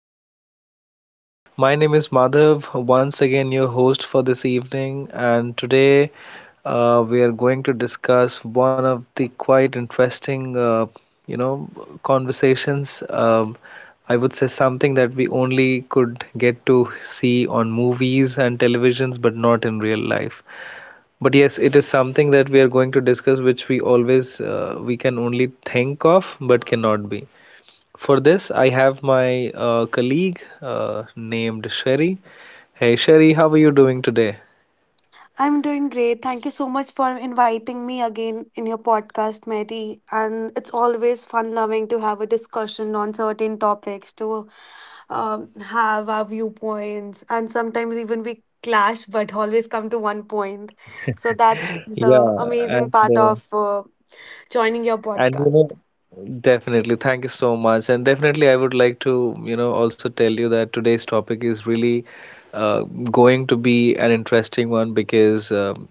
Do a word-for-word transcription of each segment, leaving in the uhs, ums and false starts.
this winter season. My name is Madhav, once again your host for this evening, and today uh, we are going to discuss one of the quite interesting, uh, you know, conversations. Um, I would say something that we only could get to see on movies and televisions, but not in real life. But yes, it is something that we are going to discuss, which we always uh, we can only think of, but cannot be. For this, I have my uh, colleague uh, named Sherry. Hey, Sherry, how are you doing today? I'm doing great. Thank you so much for inviting me again in your podcast, Mehdi. And it's always fun loving to have a discussion on certain topics, to um, have our viewpoints, and sometimes even we clash, but always come to one point. So that's Yeah, the and amazing part uh, of uh, joining your And you know, podcast. definitely, thank you so much. And definitely, I would like to, you know, also tell you that today's topic is really uh, going to be an interesting one, because um,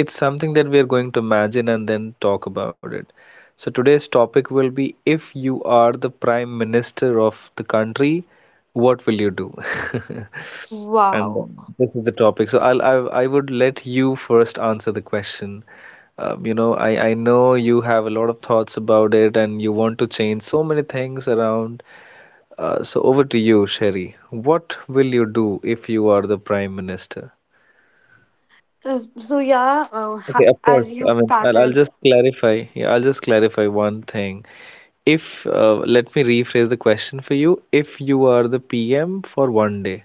it's something that we are going to imagine and then talk about it. So, today's topic will be: if you are the prime minister of the country, what will you do? And Wow. this is the topic. So I'll, I I would let you first answer the question. Um, you know, I I know you have a lot of thoughts about it, and you want to change so many things around. Uh, so over to you, Sherry. What will you do if you are the prime minister? Uh, so, yeah, uh, Okay, ha- of course. as you I mean, I'll, I'll started, just clarify. Yeah, I'll just clarify one thing. If uh, let me rephrase the question for you. If you are the P M for one day,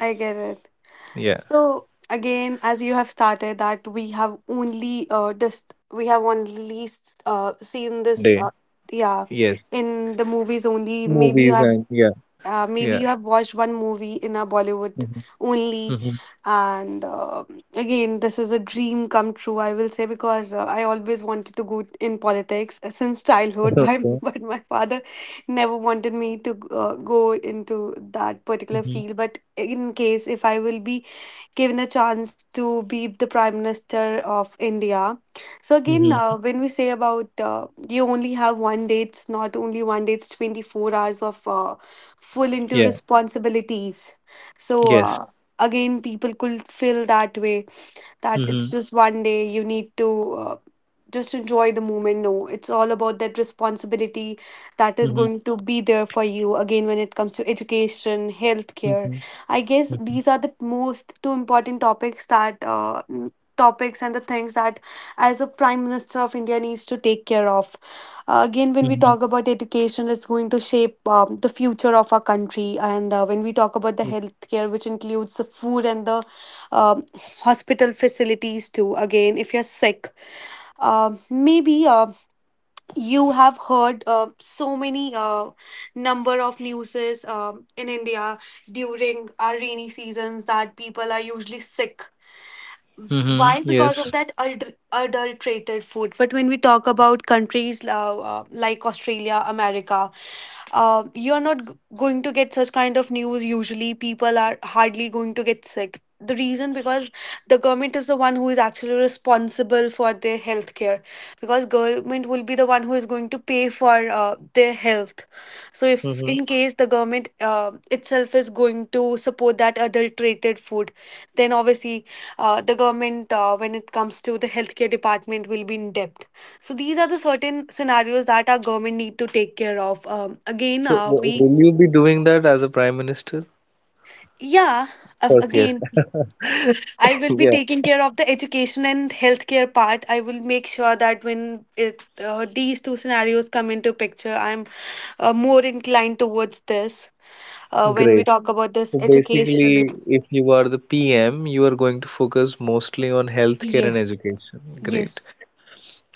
I get it. yeah, So again, as you have started that we have only uh just we have only s- uh seen one this uh, day, yeah yes, in the movies only. Maybe you movies have and yeah. uh, maybe Yeah. you have watched one movie in a Bollywood Mhm. only, Mhm. and uh, again, this is a dream come true. I will say, because uh, I always wanted to go in politics uh, since childhood, by, Okay. but my father never wanted me to uh, go into that particular Mhm. field. But in case if I will be given a chance to be the Prime Minister of India. So, again, Mhm. uh, when we say about uh, you only have one day, it's not only one day, it's twenty-four hours of uh, full into Yeah. responsibilities. So, Yes. uh, again, people could feel that way that it's Mhm. just one day you need to uh, just enjoy the moment. No, it's all about that responsibility that is Mhm. going to be there for you. Again, when it comes to education, healthcare, Mhm. I guess Mhm. these are the most two important topics that uh, n- topics and the things that as a Prime Minister of India needs to take care of. Uh, again, when we Mhm. talk about education, it's going to shape um, the future of our country. And uh, when we talk about the healthcare, which includes the food and the um hospital facilities too. Again, if you're sick, uh, maybe uh, you have heard uh, so many uh, number of newses um in India during our rainy seasons that people are usually sick. Mhm. Why? Because Yes. of that adul- adulterated food. But when we talk about countries uh, uh, like Australia, America, uh, you're not g- going to get such kind of news usually. People are hardly going to get sick. The reason, because the government is the one who is actually responsible for their health care because government will be the one who is going to pay for uh, their health. So if Mhm. in case the government uh, itself is going to support that adulterated food, then obviously uh, the government, uh, when it comes to the healthcare department, will be in debt. So these are the certain scenarios that our government need to take care of. Um, again, So, uh, w we will you be doing that as a prime minister? Of yeah, uh, course, yes. again, I will be Yeah. taking care of the education and healthcare part. I will make sure that when it uh, these two scenarios come into picture, I'm uh, more inclined towards this. Uh, when we Great. talk about this So basically, education. if you are the P M, you are going to focus mostly on healthcare and Yes, education. Great. yes.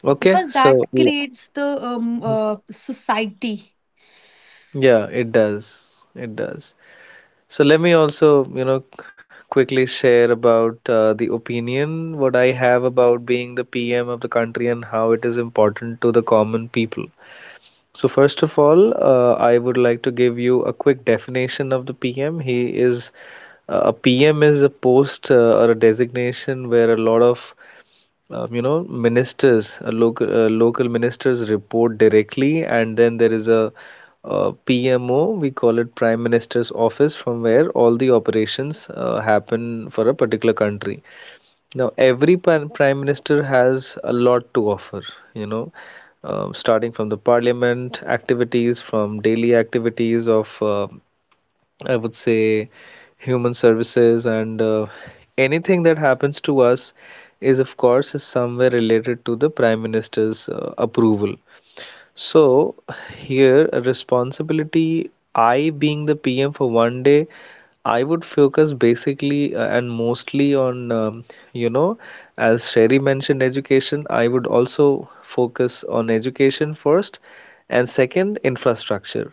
Okay. Because that So, l- creates the um, uh, society. Yeah, it does. It does. So let me also, you know, quickly share about uh, the opinion what I have about being the P M of the country and how it is important to the common people. So first of all, uh, I would like to give you a quick definition of the P M. He is uh, a P M is a post, uh, or a designation, where a lot of um, you know ministers, uh, local uh, local ministers, report directly, and then there is a, uh P M O, we call it Prime Minister's office, from where all the operations uh, happen for a particular country. Now, every pan- prime minister has a lot to offer, you know um, starting from the parliament activities, from daily activities of, uh, I would say, human services, and uh, anything that happens to us is, of course, is somewhere related to the prime minister's uh, approval. So here, a responsibility: I, being the PM for one day, I would focus basically uh, and mostly on, um, you know as Sherry mentioned, education. I would also focus on education first, and second, infrastructure.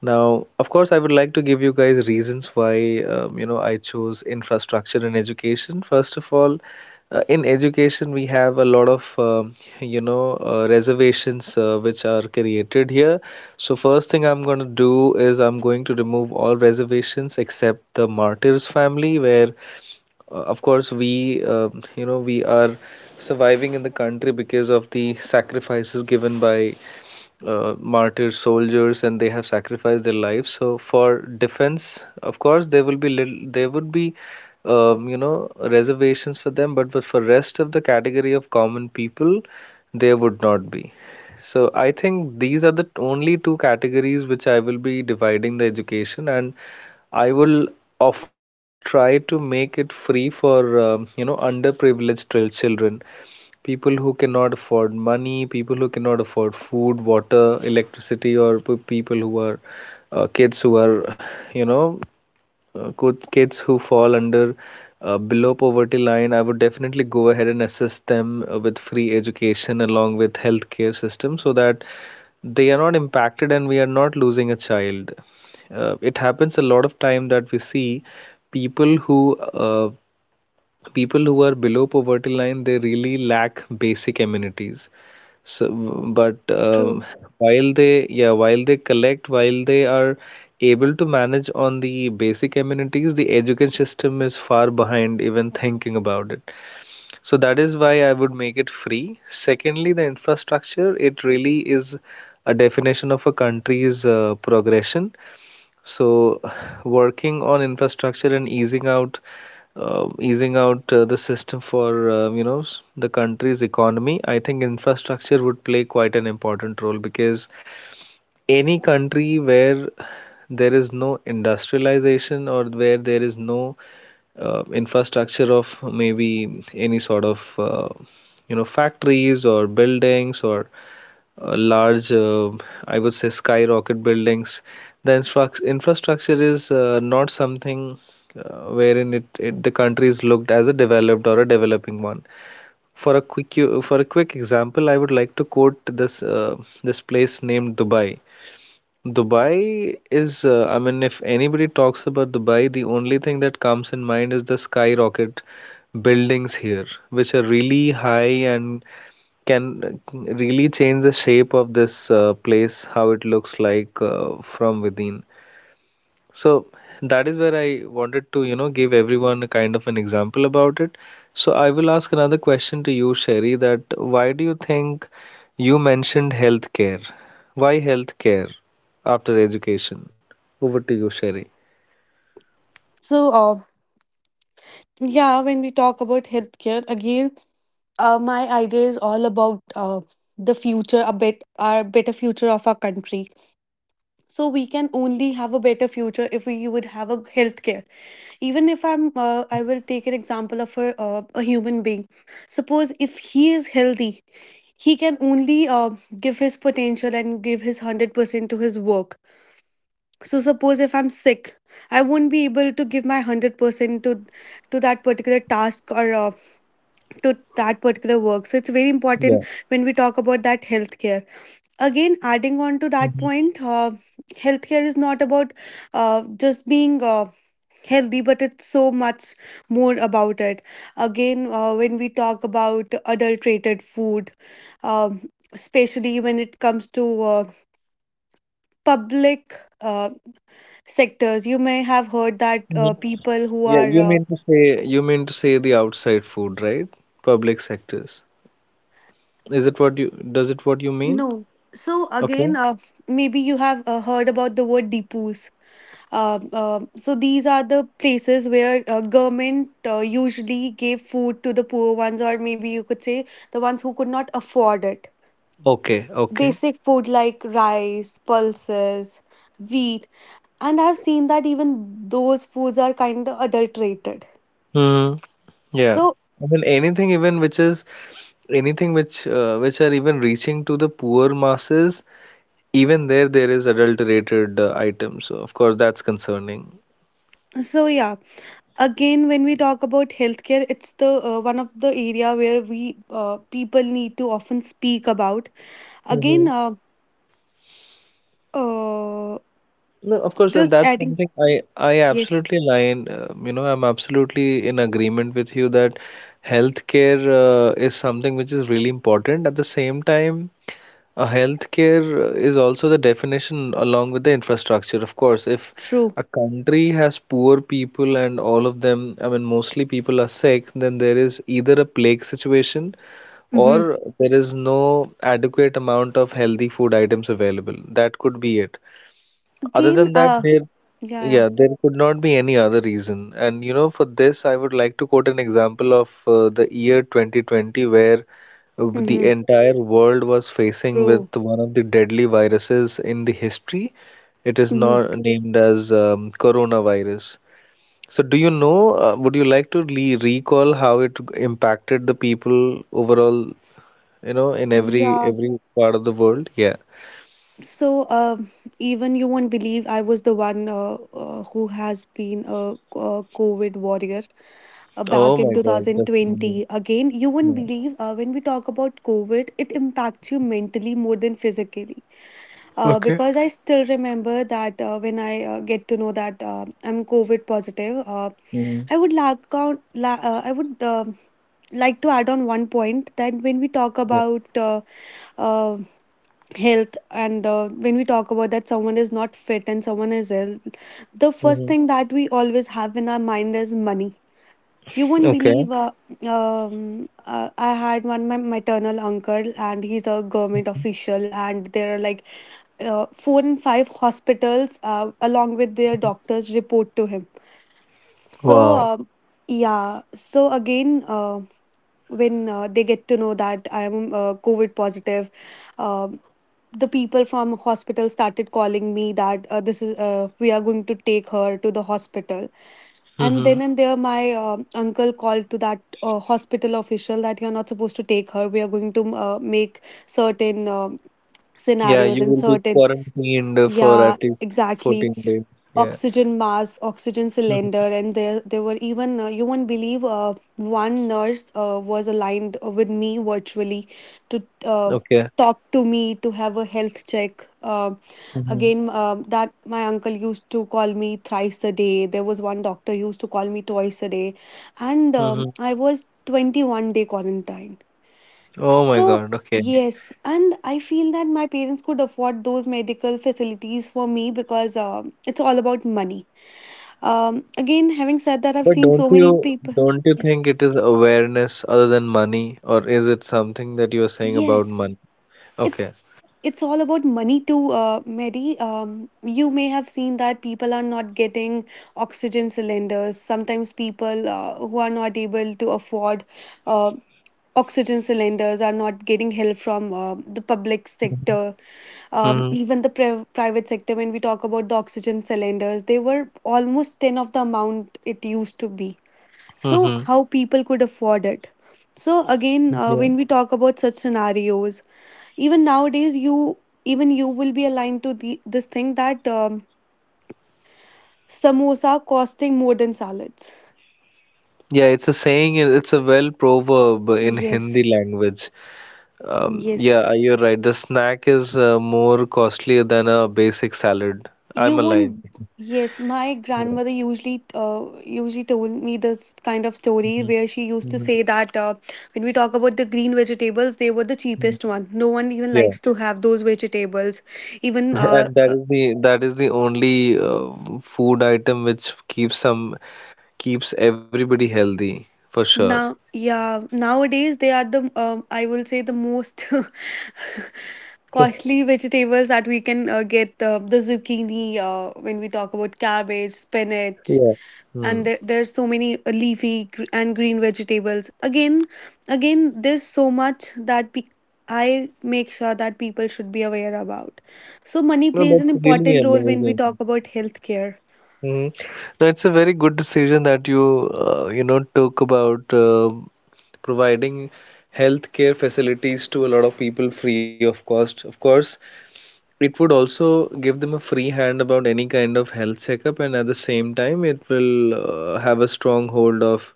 Now, of course, I would like to give you guys reasons why um, you know I chose infrastructure in education. First of all, uh, in education we have a lot of um, you know uh, reservations uh, which are created here. So first thing I'm going to do is I'm going to remove all reservations except the martyrs' family, where, uh, of course, we um you know we are surviving in the country because of the sacrifices given by uh, martyr soldiers, and they have sacrificed their lives. So for defense, of course, there will be little, there would be, um, you know reservations for them, but but for rest of the category of common people, there would not be. So I think these are the t- only two categories which I will be dividing the education, and I will, of of course, try to make it free for um, you know underprivileged chil- children, people who cannot afford money, people who cannot afford food, water, electricity, or p- people who are uh, kids who are, you know, uh, good kids who fall under uh, below poverty line. I would definitely go ahead and assist them uh, with free education along with healthcare system, so that they are not impacted and we are not losing a child. Uh, it happens a lot of time that we see people who uh, people who are below poverty line, they really lack basic amenities. So, but um, True. while they yeah while they collect while they are able to manage on the basic amenities, the education system is far behind even thinking about it. So that is why I would make it free. Secondly, the infrastructure, it really is a definition of a country's uh, progression. So, working on infrastructure and easing out uh, easing out uh, the system for uh, you know s- the country's economy, I think infrastructure would play quite an important role, because any country where there is no industrialization, or where there is no uh, infrastructure of maybe any sort of, uh, you know factories or buildings, or uh, large, uh, I would say, skyrocket buildings, the instruct- infrastructure is uh, not something uh, wherein it, it the country is looked as a developed or a developing one. For a quick for a quick example, I would like to quote this uh, this place named Dubai. Dubai is, uh, I mean, if anybody talks about Dubai, the only thing that comes in mind is the skyrocket buildings here, which are really high, and can really change the shape of this uh, place, how it looks like uh, from within. So that is where I wanted to, you know, give everyone a kind of an example about it. So I will ask another question to you, Sherry: that why do you think you mentioned healthcare? Why healthcare after education? Over to you, Sherry. So, uh, yeah, when we talk about healthcare, again, uh, my idea is all about uh, the future, a bit, our better future of our country. So we can only have a better future if we would have a healthcare. Even if I'm, uh, Mhm. I will take an example of a, uh, a human being. Suppose if he is healthy, he can only uh, give his potential and give his one hundred percent to his work. So suppose if I'm sick, I won't be able to give my one hundred percent to to that particular task, or uh, to that particular work. So it's very Yeah. important when we talk about that healthcare. Again, adding on to that Hmm. point, uh, healthcare is not about uh, just being uh, healthy, but it's so much more about it. Again, uh, when we talk about adulterated food, um, especially when it comes to uh, public uh, sectors. You may have heard that Hmm. uh, people who Yeah, are you uh, mean to say You mean to say the outside food, right? Public sectors. Is it what you, does it what you mean? no. So Okay? again, uh, maybe you have uh, heard about the word depots. Uh, uh, so these are the places where uh, government uh, usually gave food to the poor ones, or maybe you could say the ones who could not afford it. Okay, okay. Basic food like rice, pulses, wheat, and I've seen that even those foods are kind of adulterated. Mm, yeah. So I mean anything even which is, anything which uh, which are even reaching to the poor masses, even there, there is adulterated uh, items. So of course that's concerning. so yeah. Again, when we talk about healthcare, it's the uh, one of the area where we uh, people need to often speak about. Again, Hmm. uh, uh, No, of course, and just that's adding, something I I yes, absolutely align. Uh, you know, I'm absolutely in agreement with you that healthcare uh, is something which is really important. At the same time. A healthcare is also the definition along with the infrastructure. Of course, if true. a country has poor people and all of them, I mean, mostly people are sick, then there is either a plague situation, Mm-hmm. or there is no adequate amount of healthy food items available. That could be it. Other Again, than that, uh, there, yeah, yeah. yeah, there could not be any other reason. And you know, for this, I would like to quote an example of uh, the year twenty twenty, where uh, the Mm-hmm. entire world was facing True. with one of the deadly viruses in the history. It is Mm-hmm. not named as um, coronavirus. So, do you know, uh, would you like to le recall how it impacted the people overall, you know, in every Yeah. every part of the world? Yeah. So, um, even you won't believe I was the one uh, uh, who has been a, co- a COVID warrior uh, Oh back in my God, that's amazing. twenty twenty. Again, you won't Yeah. believe, uh, when we talk about COVID, it impacts you mentally more than physically. Uh, Okay. Because I still remember that uh, when I uh, get to know that uh, I'm COVID positive, uh, Mm, I would like count. La- uh, I would um like to add on one point that when we talk yep. about uh, uh, health and uh, when we talk about that someone is not fit and someone is ill, the Hmm. first thing that we always have in our mind is money. You won't Okay. believe, uh, um, uh, I had one my maternal uncle, and he's a government official, and there are like uh, four and five hospitals uh, along with their doctors report to him. So, Wow. um yeah. So again, uh, when uh, they get to know that I am uh, COVID positive, um the people from hospital started calling me that, uh, this is, uh, we are going to take her to the hospital. And Hmm. then and there my um uncle called to that uh, hospital official that you're not supposed to take her. We are going to uh, make certain um Yeah, scenarios you and will be certain. quarantined for Yeah, at least exactly. fourteen days. Yeah. Oxygen mask, oxygen Mhm. cylinder, and there there were even, uh, you won't believe, uh, one nurse uh, was aligned uh, with me virtually to uh, Okay. talk to me to have a health check. Uh, hmm. Again, um that my uncle used to call me thrice a day. There was one doctor used to call me twice a day, and um, Hmm. I was twenty-one day quarantine. Oh my So, God. Okay. yes, and I feel that my parents could afford those medical facilities for me because, um, it's all about money. Um, again, having said that, I've But seen don't so many you people. don't you Ye- think it is awareness other than money, or is it something that you are saying about Yes, money? it's Okay. it's all about money too, uh, Mary. Um, you may have seen that people are not getting oxygen cylinders. Sometimes people uh, who are not able to afford uh, oxygen cylinders are not getting help from uh, the public sector. Um, hmm. Even the pri- private sector, when we talk about the oxygen cylinders, they were almost ten of the amount it used to be. Hmm. So Hmm. how people could afford it? So again, uh, Yeah. when we talk about such scenarios, even nowadays you, even you will be aligned to the, this thing that, um, samosa costing more than salads. Yeah, it's a saying, and it's a well proverb in Yes, Hindi language. Um, yes. Yeah, you're right. The snack is uh, more costlier than a basic salad. You I'm aligned. won't. Yes, my Yeah. grandmother usually uh, usually told me this kind of story Mhm. where she used to Mhm. say that, uh, when we talk about the green vegetables, they were the Mhm. cheapest one. No one even Yeah. likes to have those vegetables. Even uh, And that uh, is the that is the only uh, food item which keeps some keeps everybody healthy for sure. now, yeah, nowadays they are the um, I will say the most costly vegetables that we can uh, get, uh, the zucchini, uh, when we talk about cabbage, spinach, Yeah. Hmm. and there, there's so many uh, leafy gr- and green vegetables. Again, again there's so much that pe- I make sure that people should be aware about. So money No, that's plays an really important role when we amazing. talk about healthcare. Hmm. No, it's a very good decision that you, uh, you know, took about uh, providing healthcare facilities to a lot of people free of cost. Of course, it would also give them a free hand about any kind of health checkup, and at the same time, it will uh, have a strong hold of,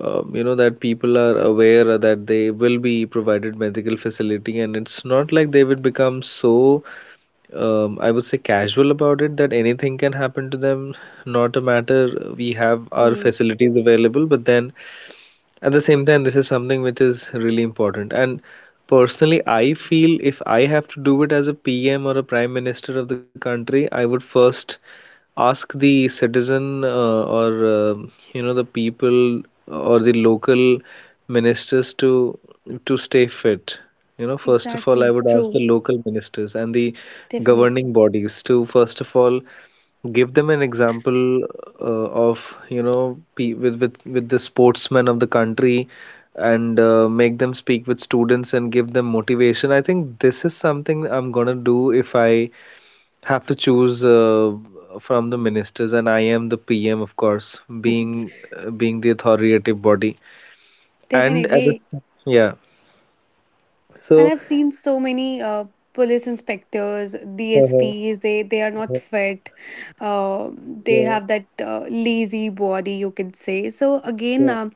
um, you know, that people are aware that they will be provided medical facility, and it's not like they will become so um, I would say casual about it that anything can happen to them, not a matter. We have our Hmm. facilities available, but then at the same time this is something which is really important and personally I feel if I have to do it as a PM or a prime minister of the country I would first ask the citizen uh, or um you know the people or the local ministers to to stay fit. You know first of all, I Exactly, would ask the true. local ministers and the governing Definitely. bodies to first of all give them an example uh, of, you know, pe with, with with the sportsmen of the country, and uh, make them speak with students and give them motivation. I think this is something I'm gonna do if I have to choose uh, from the ministers, and I am the P M, of course, being uh, being the authoritative body. And at the Definitely. s- yeah, And so I've seen so many uh, police inspectors, uh-huh, D S Ps, they, they are not uh-huh, fit. Uh, they yeah, have that uh, lazy body, you could say. So, again, yeah, um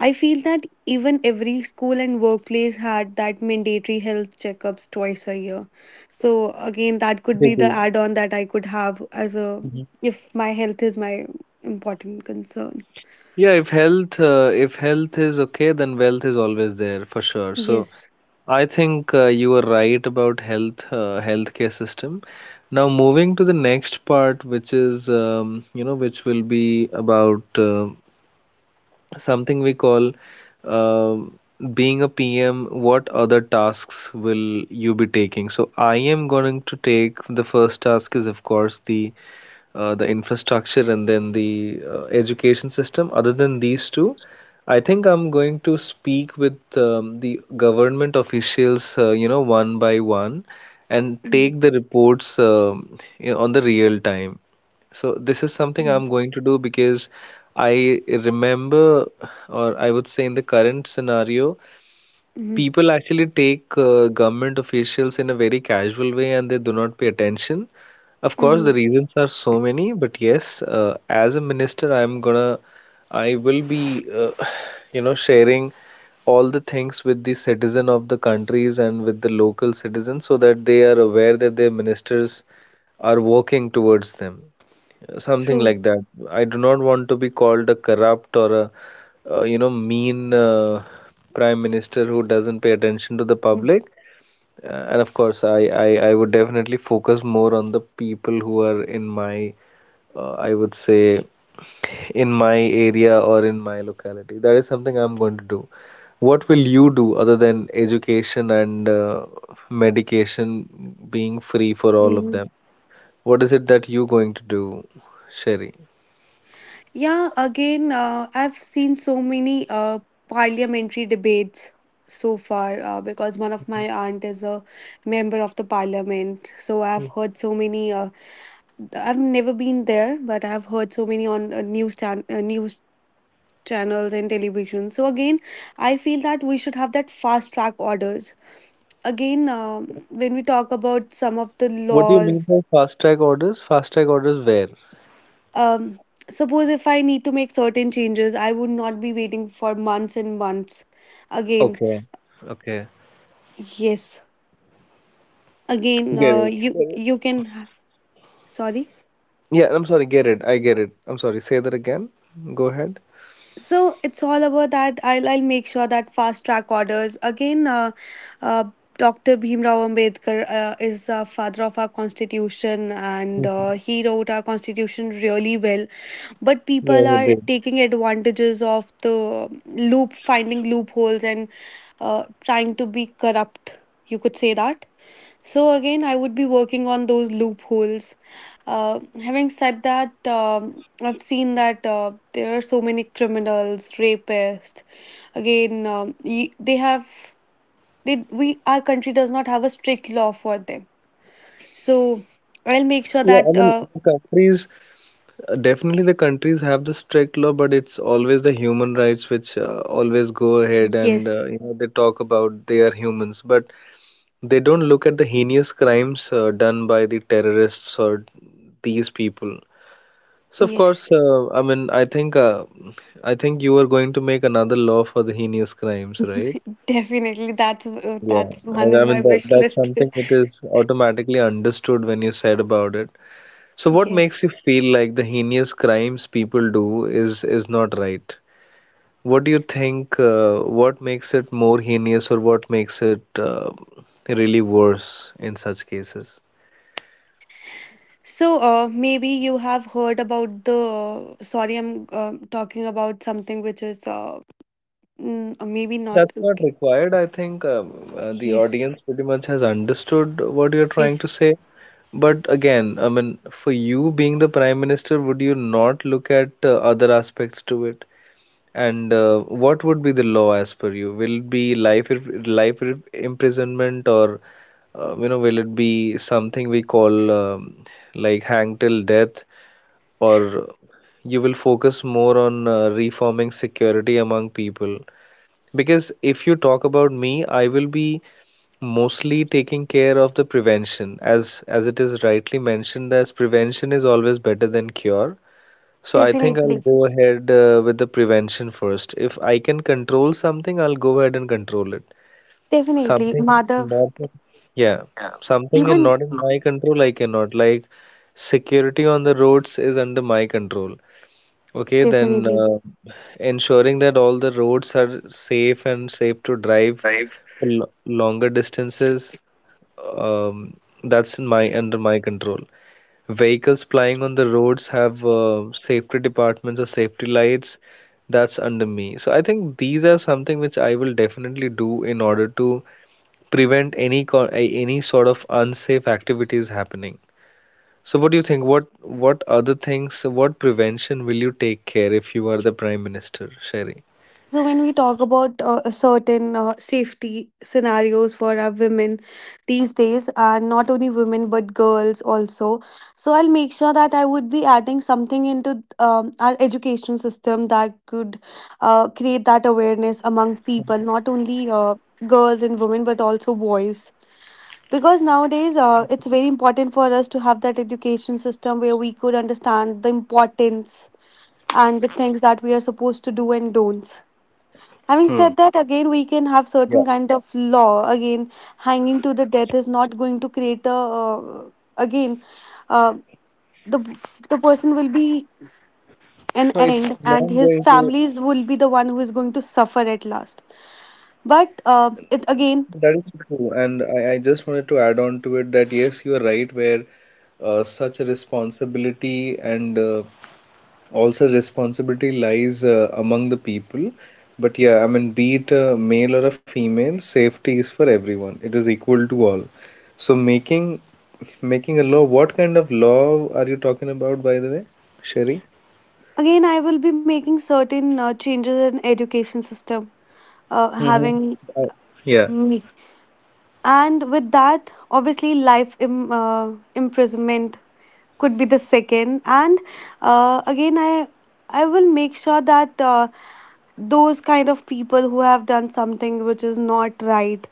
I feel that even every school and workplace had that mandatory health checkups twice a year. So, again, that could they be the do. add on that I could have as a, Mm-hmm. if my health is my important concern. Yeah, if health uh, if health is okay, then wealth is always there for sure. So Yes. I think uh, you were right about health uh, healthcare system. Now moving to the next part, which is um, you know which will be about uh, something we call um being a P M, what other tasks will you be taking? So I am going to take the first task is of course the uh, the infrastructure and then the uh, education system. Other than these two, I think I'm going to speak with um, the government officials, uh, you know, one by one, and take the reports, um, you know, on the real time. So this is something Mm-hmm. I'm going to do because I remember, or I would say in the current scenario, people actually take uh, government officials in a very casual way and they do not pay attention. Of course, the Mm-hmm. reasons are so many, but yes, uh, as a minister, I'm gonna, I will be, uh, you know, sharing all the things with the citizen of the countries and with the local citizens so that they are aware that their ministers are working towards them. Something True. like that. I do not want to be called a corrupt or a uh, you know, mean uh, prime minister who doesn't pay attention to the public. Uh, and of course, I, I, I would definitely focus more on the people who are in my, uh, I would say, in my area or in my locality. That is something I'm going to do. What will you do other than education and uh, medication being free for all of them? What is it that you going to do, Sherry? Yeah, again, uh, I've seen so many uh, parliamentary debates so far uh, because one of my aunt is a member of the parliament. So I've heard so many. Uh, I've never been there, but I've heard so many on uh, news chan- uh, news channels and television. So again, I feel that we should have that fast track orders. Again, um, when we talk about some of the What do you mean laws, by fast track orders? Fast track orders where? um, suppose if I need to make certain changes, I would not be waiting for months and months. Again, Okay. Okay. yes, again, Get uh, it. Get you it. you can have. Sorry. Yeah, I'm sorry. Get it. I get it. I'm sorry. Say that again. Go ahead. So it's all about that. I'll I'll make sure that fast track orders again. Uh, uh, Doctor Bhimrao Ambedkar uh, is the father of our constitution, and Mhm. uh, he wrote our constitution really well. But Yeah, he people did. are taking advantages of the loop, finding loopholes, and uh, trying to be corrupt, you could say that. So, again, I would be working on those loopholes. Uh, having said that, um, I've seen that uh, there are so many criminals, rapists. Again, um, y- they have, they, we, our country does not have a strict law for them. So, I'll make sure Yeah, I that, mean, uh, the countries, uh, definitely, the countries have the strict law, but it's always the human rights which uh, always go ahead, and yes, uh, you know they talk about they are humans, but they don't look at the heinous crimes uh, done by the terrorists or these people. So of course, yes, uh, I mean, I think, uh, I think you were going to make another law for the heinous crimes, right? definitely, that's, uh, Yeah, that's I, one I in my mean that wish that's list. something that is automatically understood when you said about it. So what makes Yes. you feel like the heinous crimes people do is is not right? What do you think? Uh, what makes it more heinous, or what makes it uh, really worse in such cases? So, uh, maybe you have heard about the. uh, sorry, I'm uh, talking about something which is uh, mm, uh, maybe No, not. that's not Okay. required. I think um, uh, the Yes, audience pretty much has understood what you're trying yes, to say. But again, I mean, for you being the prime minister, would you not look at uh, other aspects to it? And uh, what would be the law as per you? Will it be life life imprisonment or uh, you know, will it be something we call um, like hang till death, or you will focus more on uh, reforming security among people? Because if you talk about me, I will be mostly taking care of the prevention as as it is rightly mentioned as prevention is always better than cure. So I think I'll definitely, go ahead uh, with the prevention first. If I can control something, I'll go ahead and control it. definitely, Something Madhav. not in- yeah, something in Even not in my control, I cannot. Like security on the roads is under my control. Okay, then definitely. uh, ensuring that all the roads are safe and safe to drive for lo- longer distances, um, that's in my under my control. Vehicles plying on the roads have uh, safety departments or safety lights, that's under me. So I think these are something which I will definitely do in order to prevent any co- a- any sort of unsafe activities happening. So what do you think? What what other things, what prevention will you take care if you are the Prime Minister, Sherry? So, when we talk about uh, certain uh, safety scenarios for our women these days, and not only women but girls also, so I'll make sure that I would be adding something into um, our education system that could uh, create that awareness among people, not only uh, girls and women but also boys. Because nowadays, uh, it's very important for us to have that education system where we could understand the importance and the things that we are supposed to do and don'ts. Having said that, again, we can have Yeah. certain kind of law. Again, hanging to the death is not going to create a. Uh, again, uh, the the person will be an No, it's end, not and his going to. families will be the one who is going to suffer at last. But uh, it That again, is true. And I, I just wanted to add on to it that yes, you are right, where uh, such a responsibility and uh, also responsibility lies uh, among the people, but yeah, I mean be it a male or a female, safety is for everyone, it is equal to all. So making making a law, what kind of law are you talking about, by the way, Sherry? again, I will be making certain uh, changes in education system. Uh, hmm. Having Uh, yeah. me, and with that, obviously, life Im- uh, imprisonment could be the second. And uh, again, i i will make sure that uh, those kind of people who have done something which is not right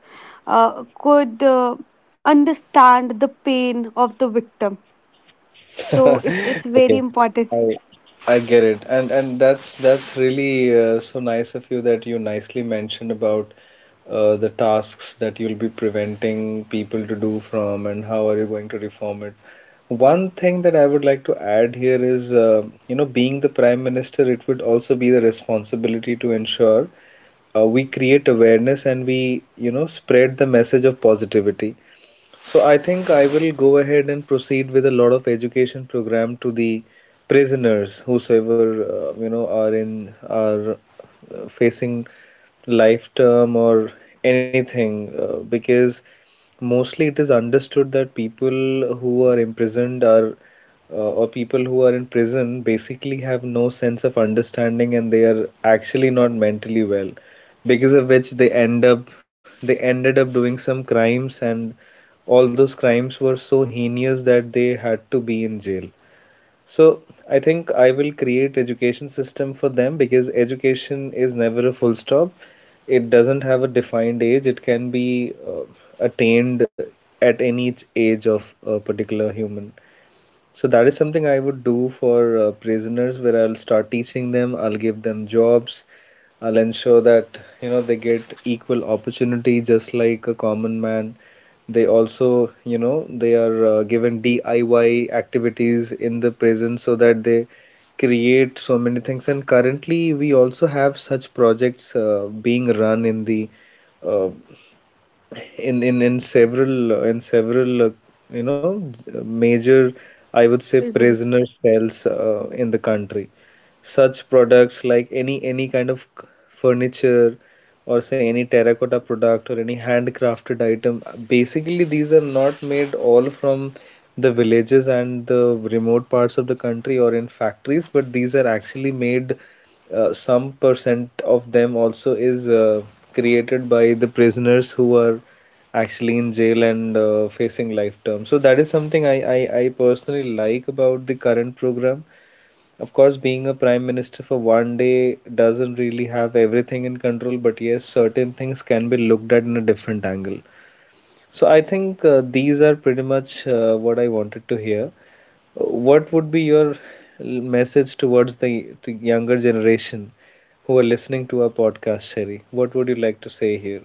uh, could uh, understand the pain of the victim. So it's it's Okay, very important. I I get it, and and that's that's really uh, so nice of you that you nicely mentioned about uh, the tasks that you'll be preventing people to do from, and how are you going to reform it. One thing that I would like to add here is, uh, you know, being the prime minister, it would also be the responsibility to ensure uh, we create awareness and we, you know, spread the message of positivity. So I think I will go ahead and proceed with a lot of education program to the prisoners, whosoever uh, you know are in are uh, facing life term or anything, uh, because mostly it is understood that people who are imprisoned are uh, or people who are in prison basically have no sense of understanding and they are actually not mentally well, because of which they end up they ended up doing some crimes, and all those crimes were so heinous that they had to be in jail. So I think I will create education system for them because education is never a full stop. It doesn't have a defined age. It can be uh, attained at any age of a particular human. So that is something I would do for uh, prisoners, where I'll start teaching them, I'll give them jobs, I'll ensure that you know they get equal opportunity just like a common man. They also, you know, they are uh, given D I Y activities in the prison so that they create so many things. And currently, we also have such projects uh, being run in the uh, in in in several uh, in several uh, you know major, I would say, Prisons. prisoner cells uh, in the country. Such products like any any kind of c- furniture or say any terracotta product or any handcrafted item. Basically, these are not made all from the villages and the remote parts of the country or in factories, but these are actually made, uh, some percent of them also is uh, created by the prisoners who are actually in jail and uh, facing life term. So that is something I, I, I personally like about the current program. Of course, being a prime minister for one day doesn't really have everything in control, but yes, certain things can be looked at in a different angle. So I think uh, these are pretty much uh, what I wanted to hear. What would be your message towards the, the younger generation who are listening to our podcast, Sherry? What would you like to say here?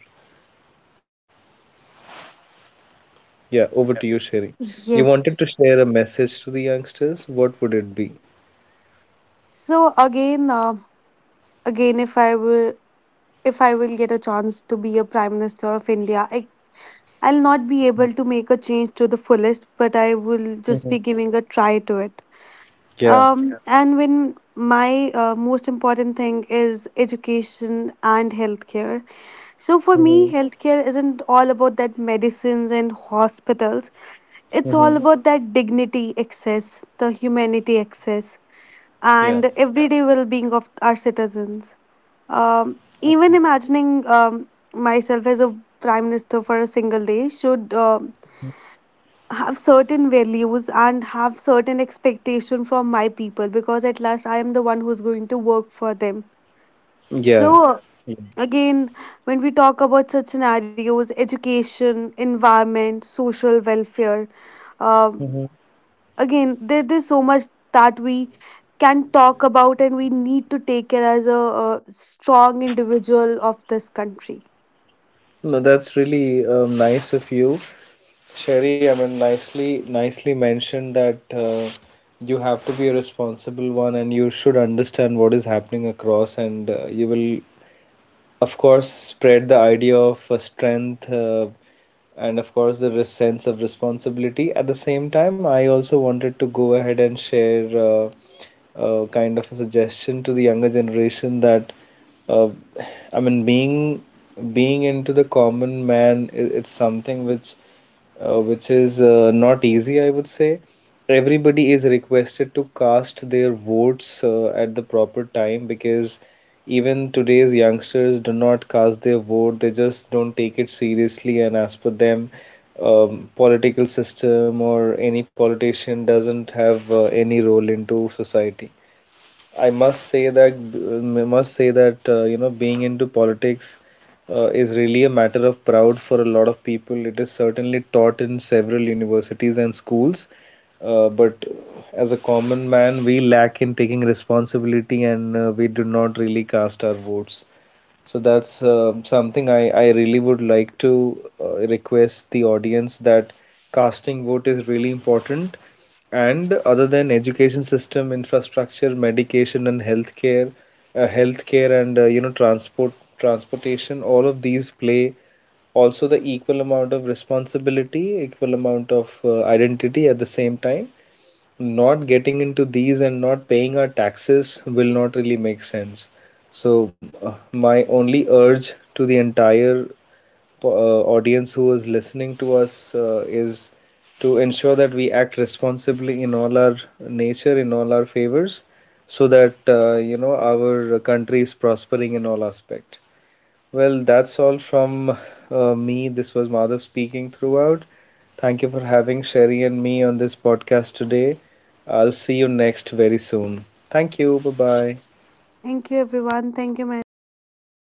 Yeah, over to you, Sherry. You Yes. wanted to share a message to the youngsters. What would it be? So again, uh, again, if i will if I will get a chance to be a Prime Minister of India, I, I'll not be able to make a change to the fullest, but I will just be Mm-hmm. giving a try to it. Yeah. Um, and when my uh, most important thing is education and healthcare. So for me, Mm-hmm. healthcare isn't all about that medicines and hospitals. It's all Mm-hmm. about that dignity access, the humanity access, Yeah. and everyday well-being of our citizens. Um, Okay. Even imagining um, myself as a Prime Minister for a single day should uh, have certain values and have certain expectation from my people, because at last I am the one who's going to work for them. Yeah. So Yeah. again, when we talk about such scenarios, education, environment, social welfare, um, Mm-hmm. again there, there's so much that we can talk about, and we need to take care as a, a strong individual of this country. No, that's really um, nice of you, Sherry. I mean, nicely, nicely mentioned that uh, you have to be a responsible one, and you should understand what is happening across, and uh, you will of course spread the idea of uh, strength uh, and of course the res- sense of responsibility. At the same time, I also wanted to go ahead and share uh, uh, kind of a suggestion to the younger generation that uh, I mean being being into the common man, i- it's something which uh, which is uh, not easy, I would say. Everybody is requested to cast their votes uh, at the proper time because even today's youngsters do not cast their vote. They just don't take it seriously, and as per them, um, political system or any politician doesn't have uh, any role into society. I must say that uh, must say that uh, you know being into politics uh, is really a matter of proud for a lot of people. It is certainly taught in several universities and schools, uh, but as a common man, we lack in taking responsibility and uh, we do not really cast our votes. So that's um something I, I really would like to uh, request the audience that casting vote is really important. And other than education system, infrastructure, medication and healthcare, uh, healthcare and uh, you know transport, transportation, all of these play also the equal amount of responsibility, equal amount of uh, identity. At the same time, not getting into these and not paying our taxes will not really make sense. So, uh, my only urge to the entire uh, audience who is listening to us uh, is to ensure that we act responsibly in all our nature, in all our favors, so that uh, you know our country is prospering in all aspect. Well, that's all from uh, me. This was Madhav speaking throughout. Thank you for having Sherry and me on this podcast today. I'll see you next very soon. Thank you. Bye bye. Thank you, everyone. Thank you, Maddie. Bye.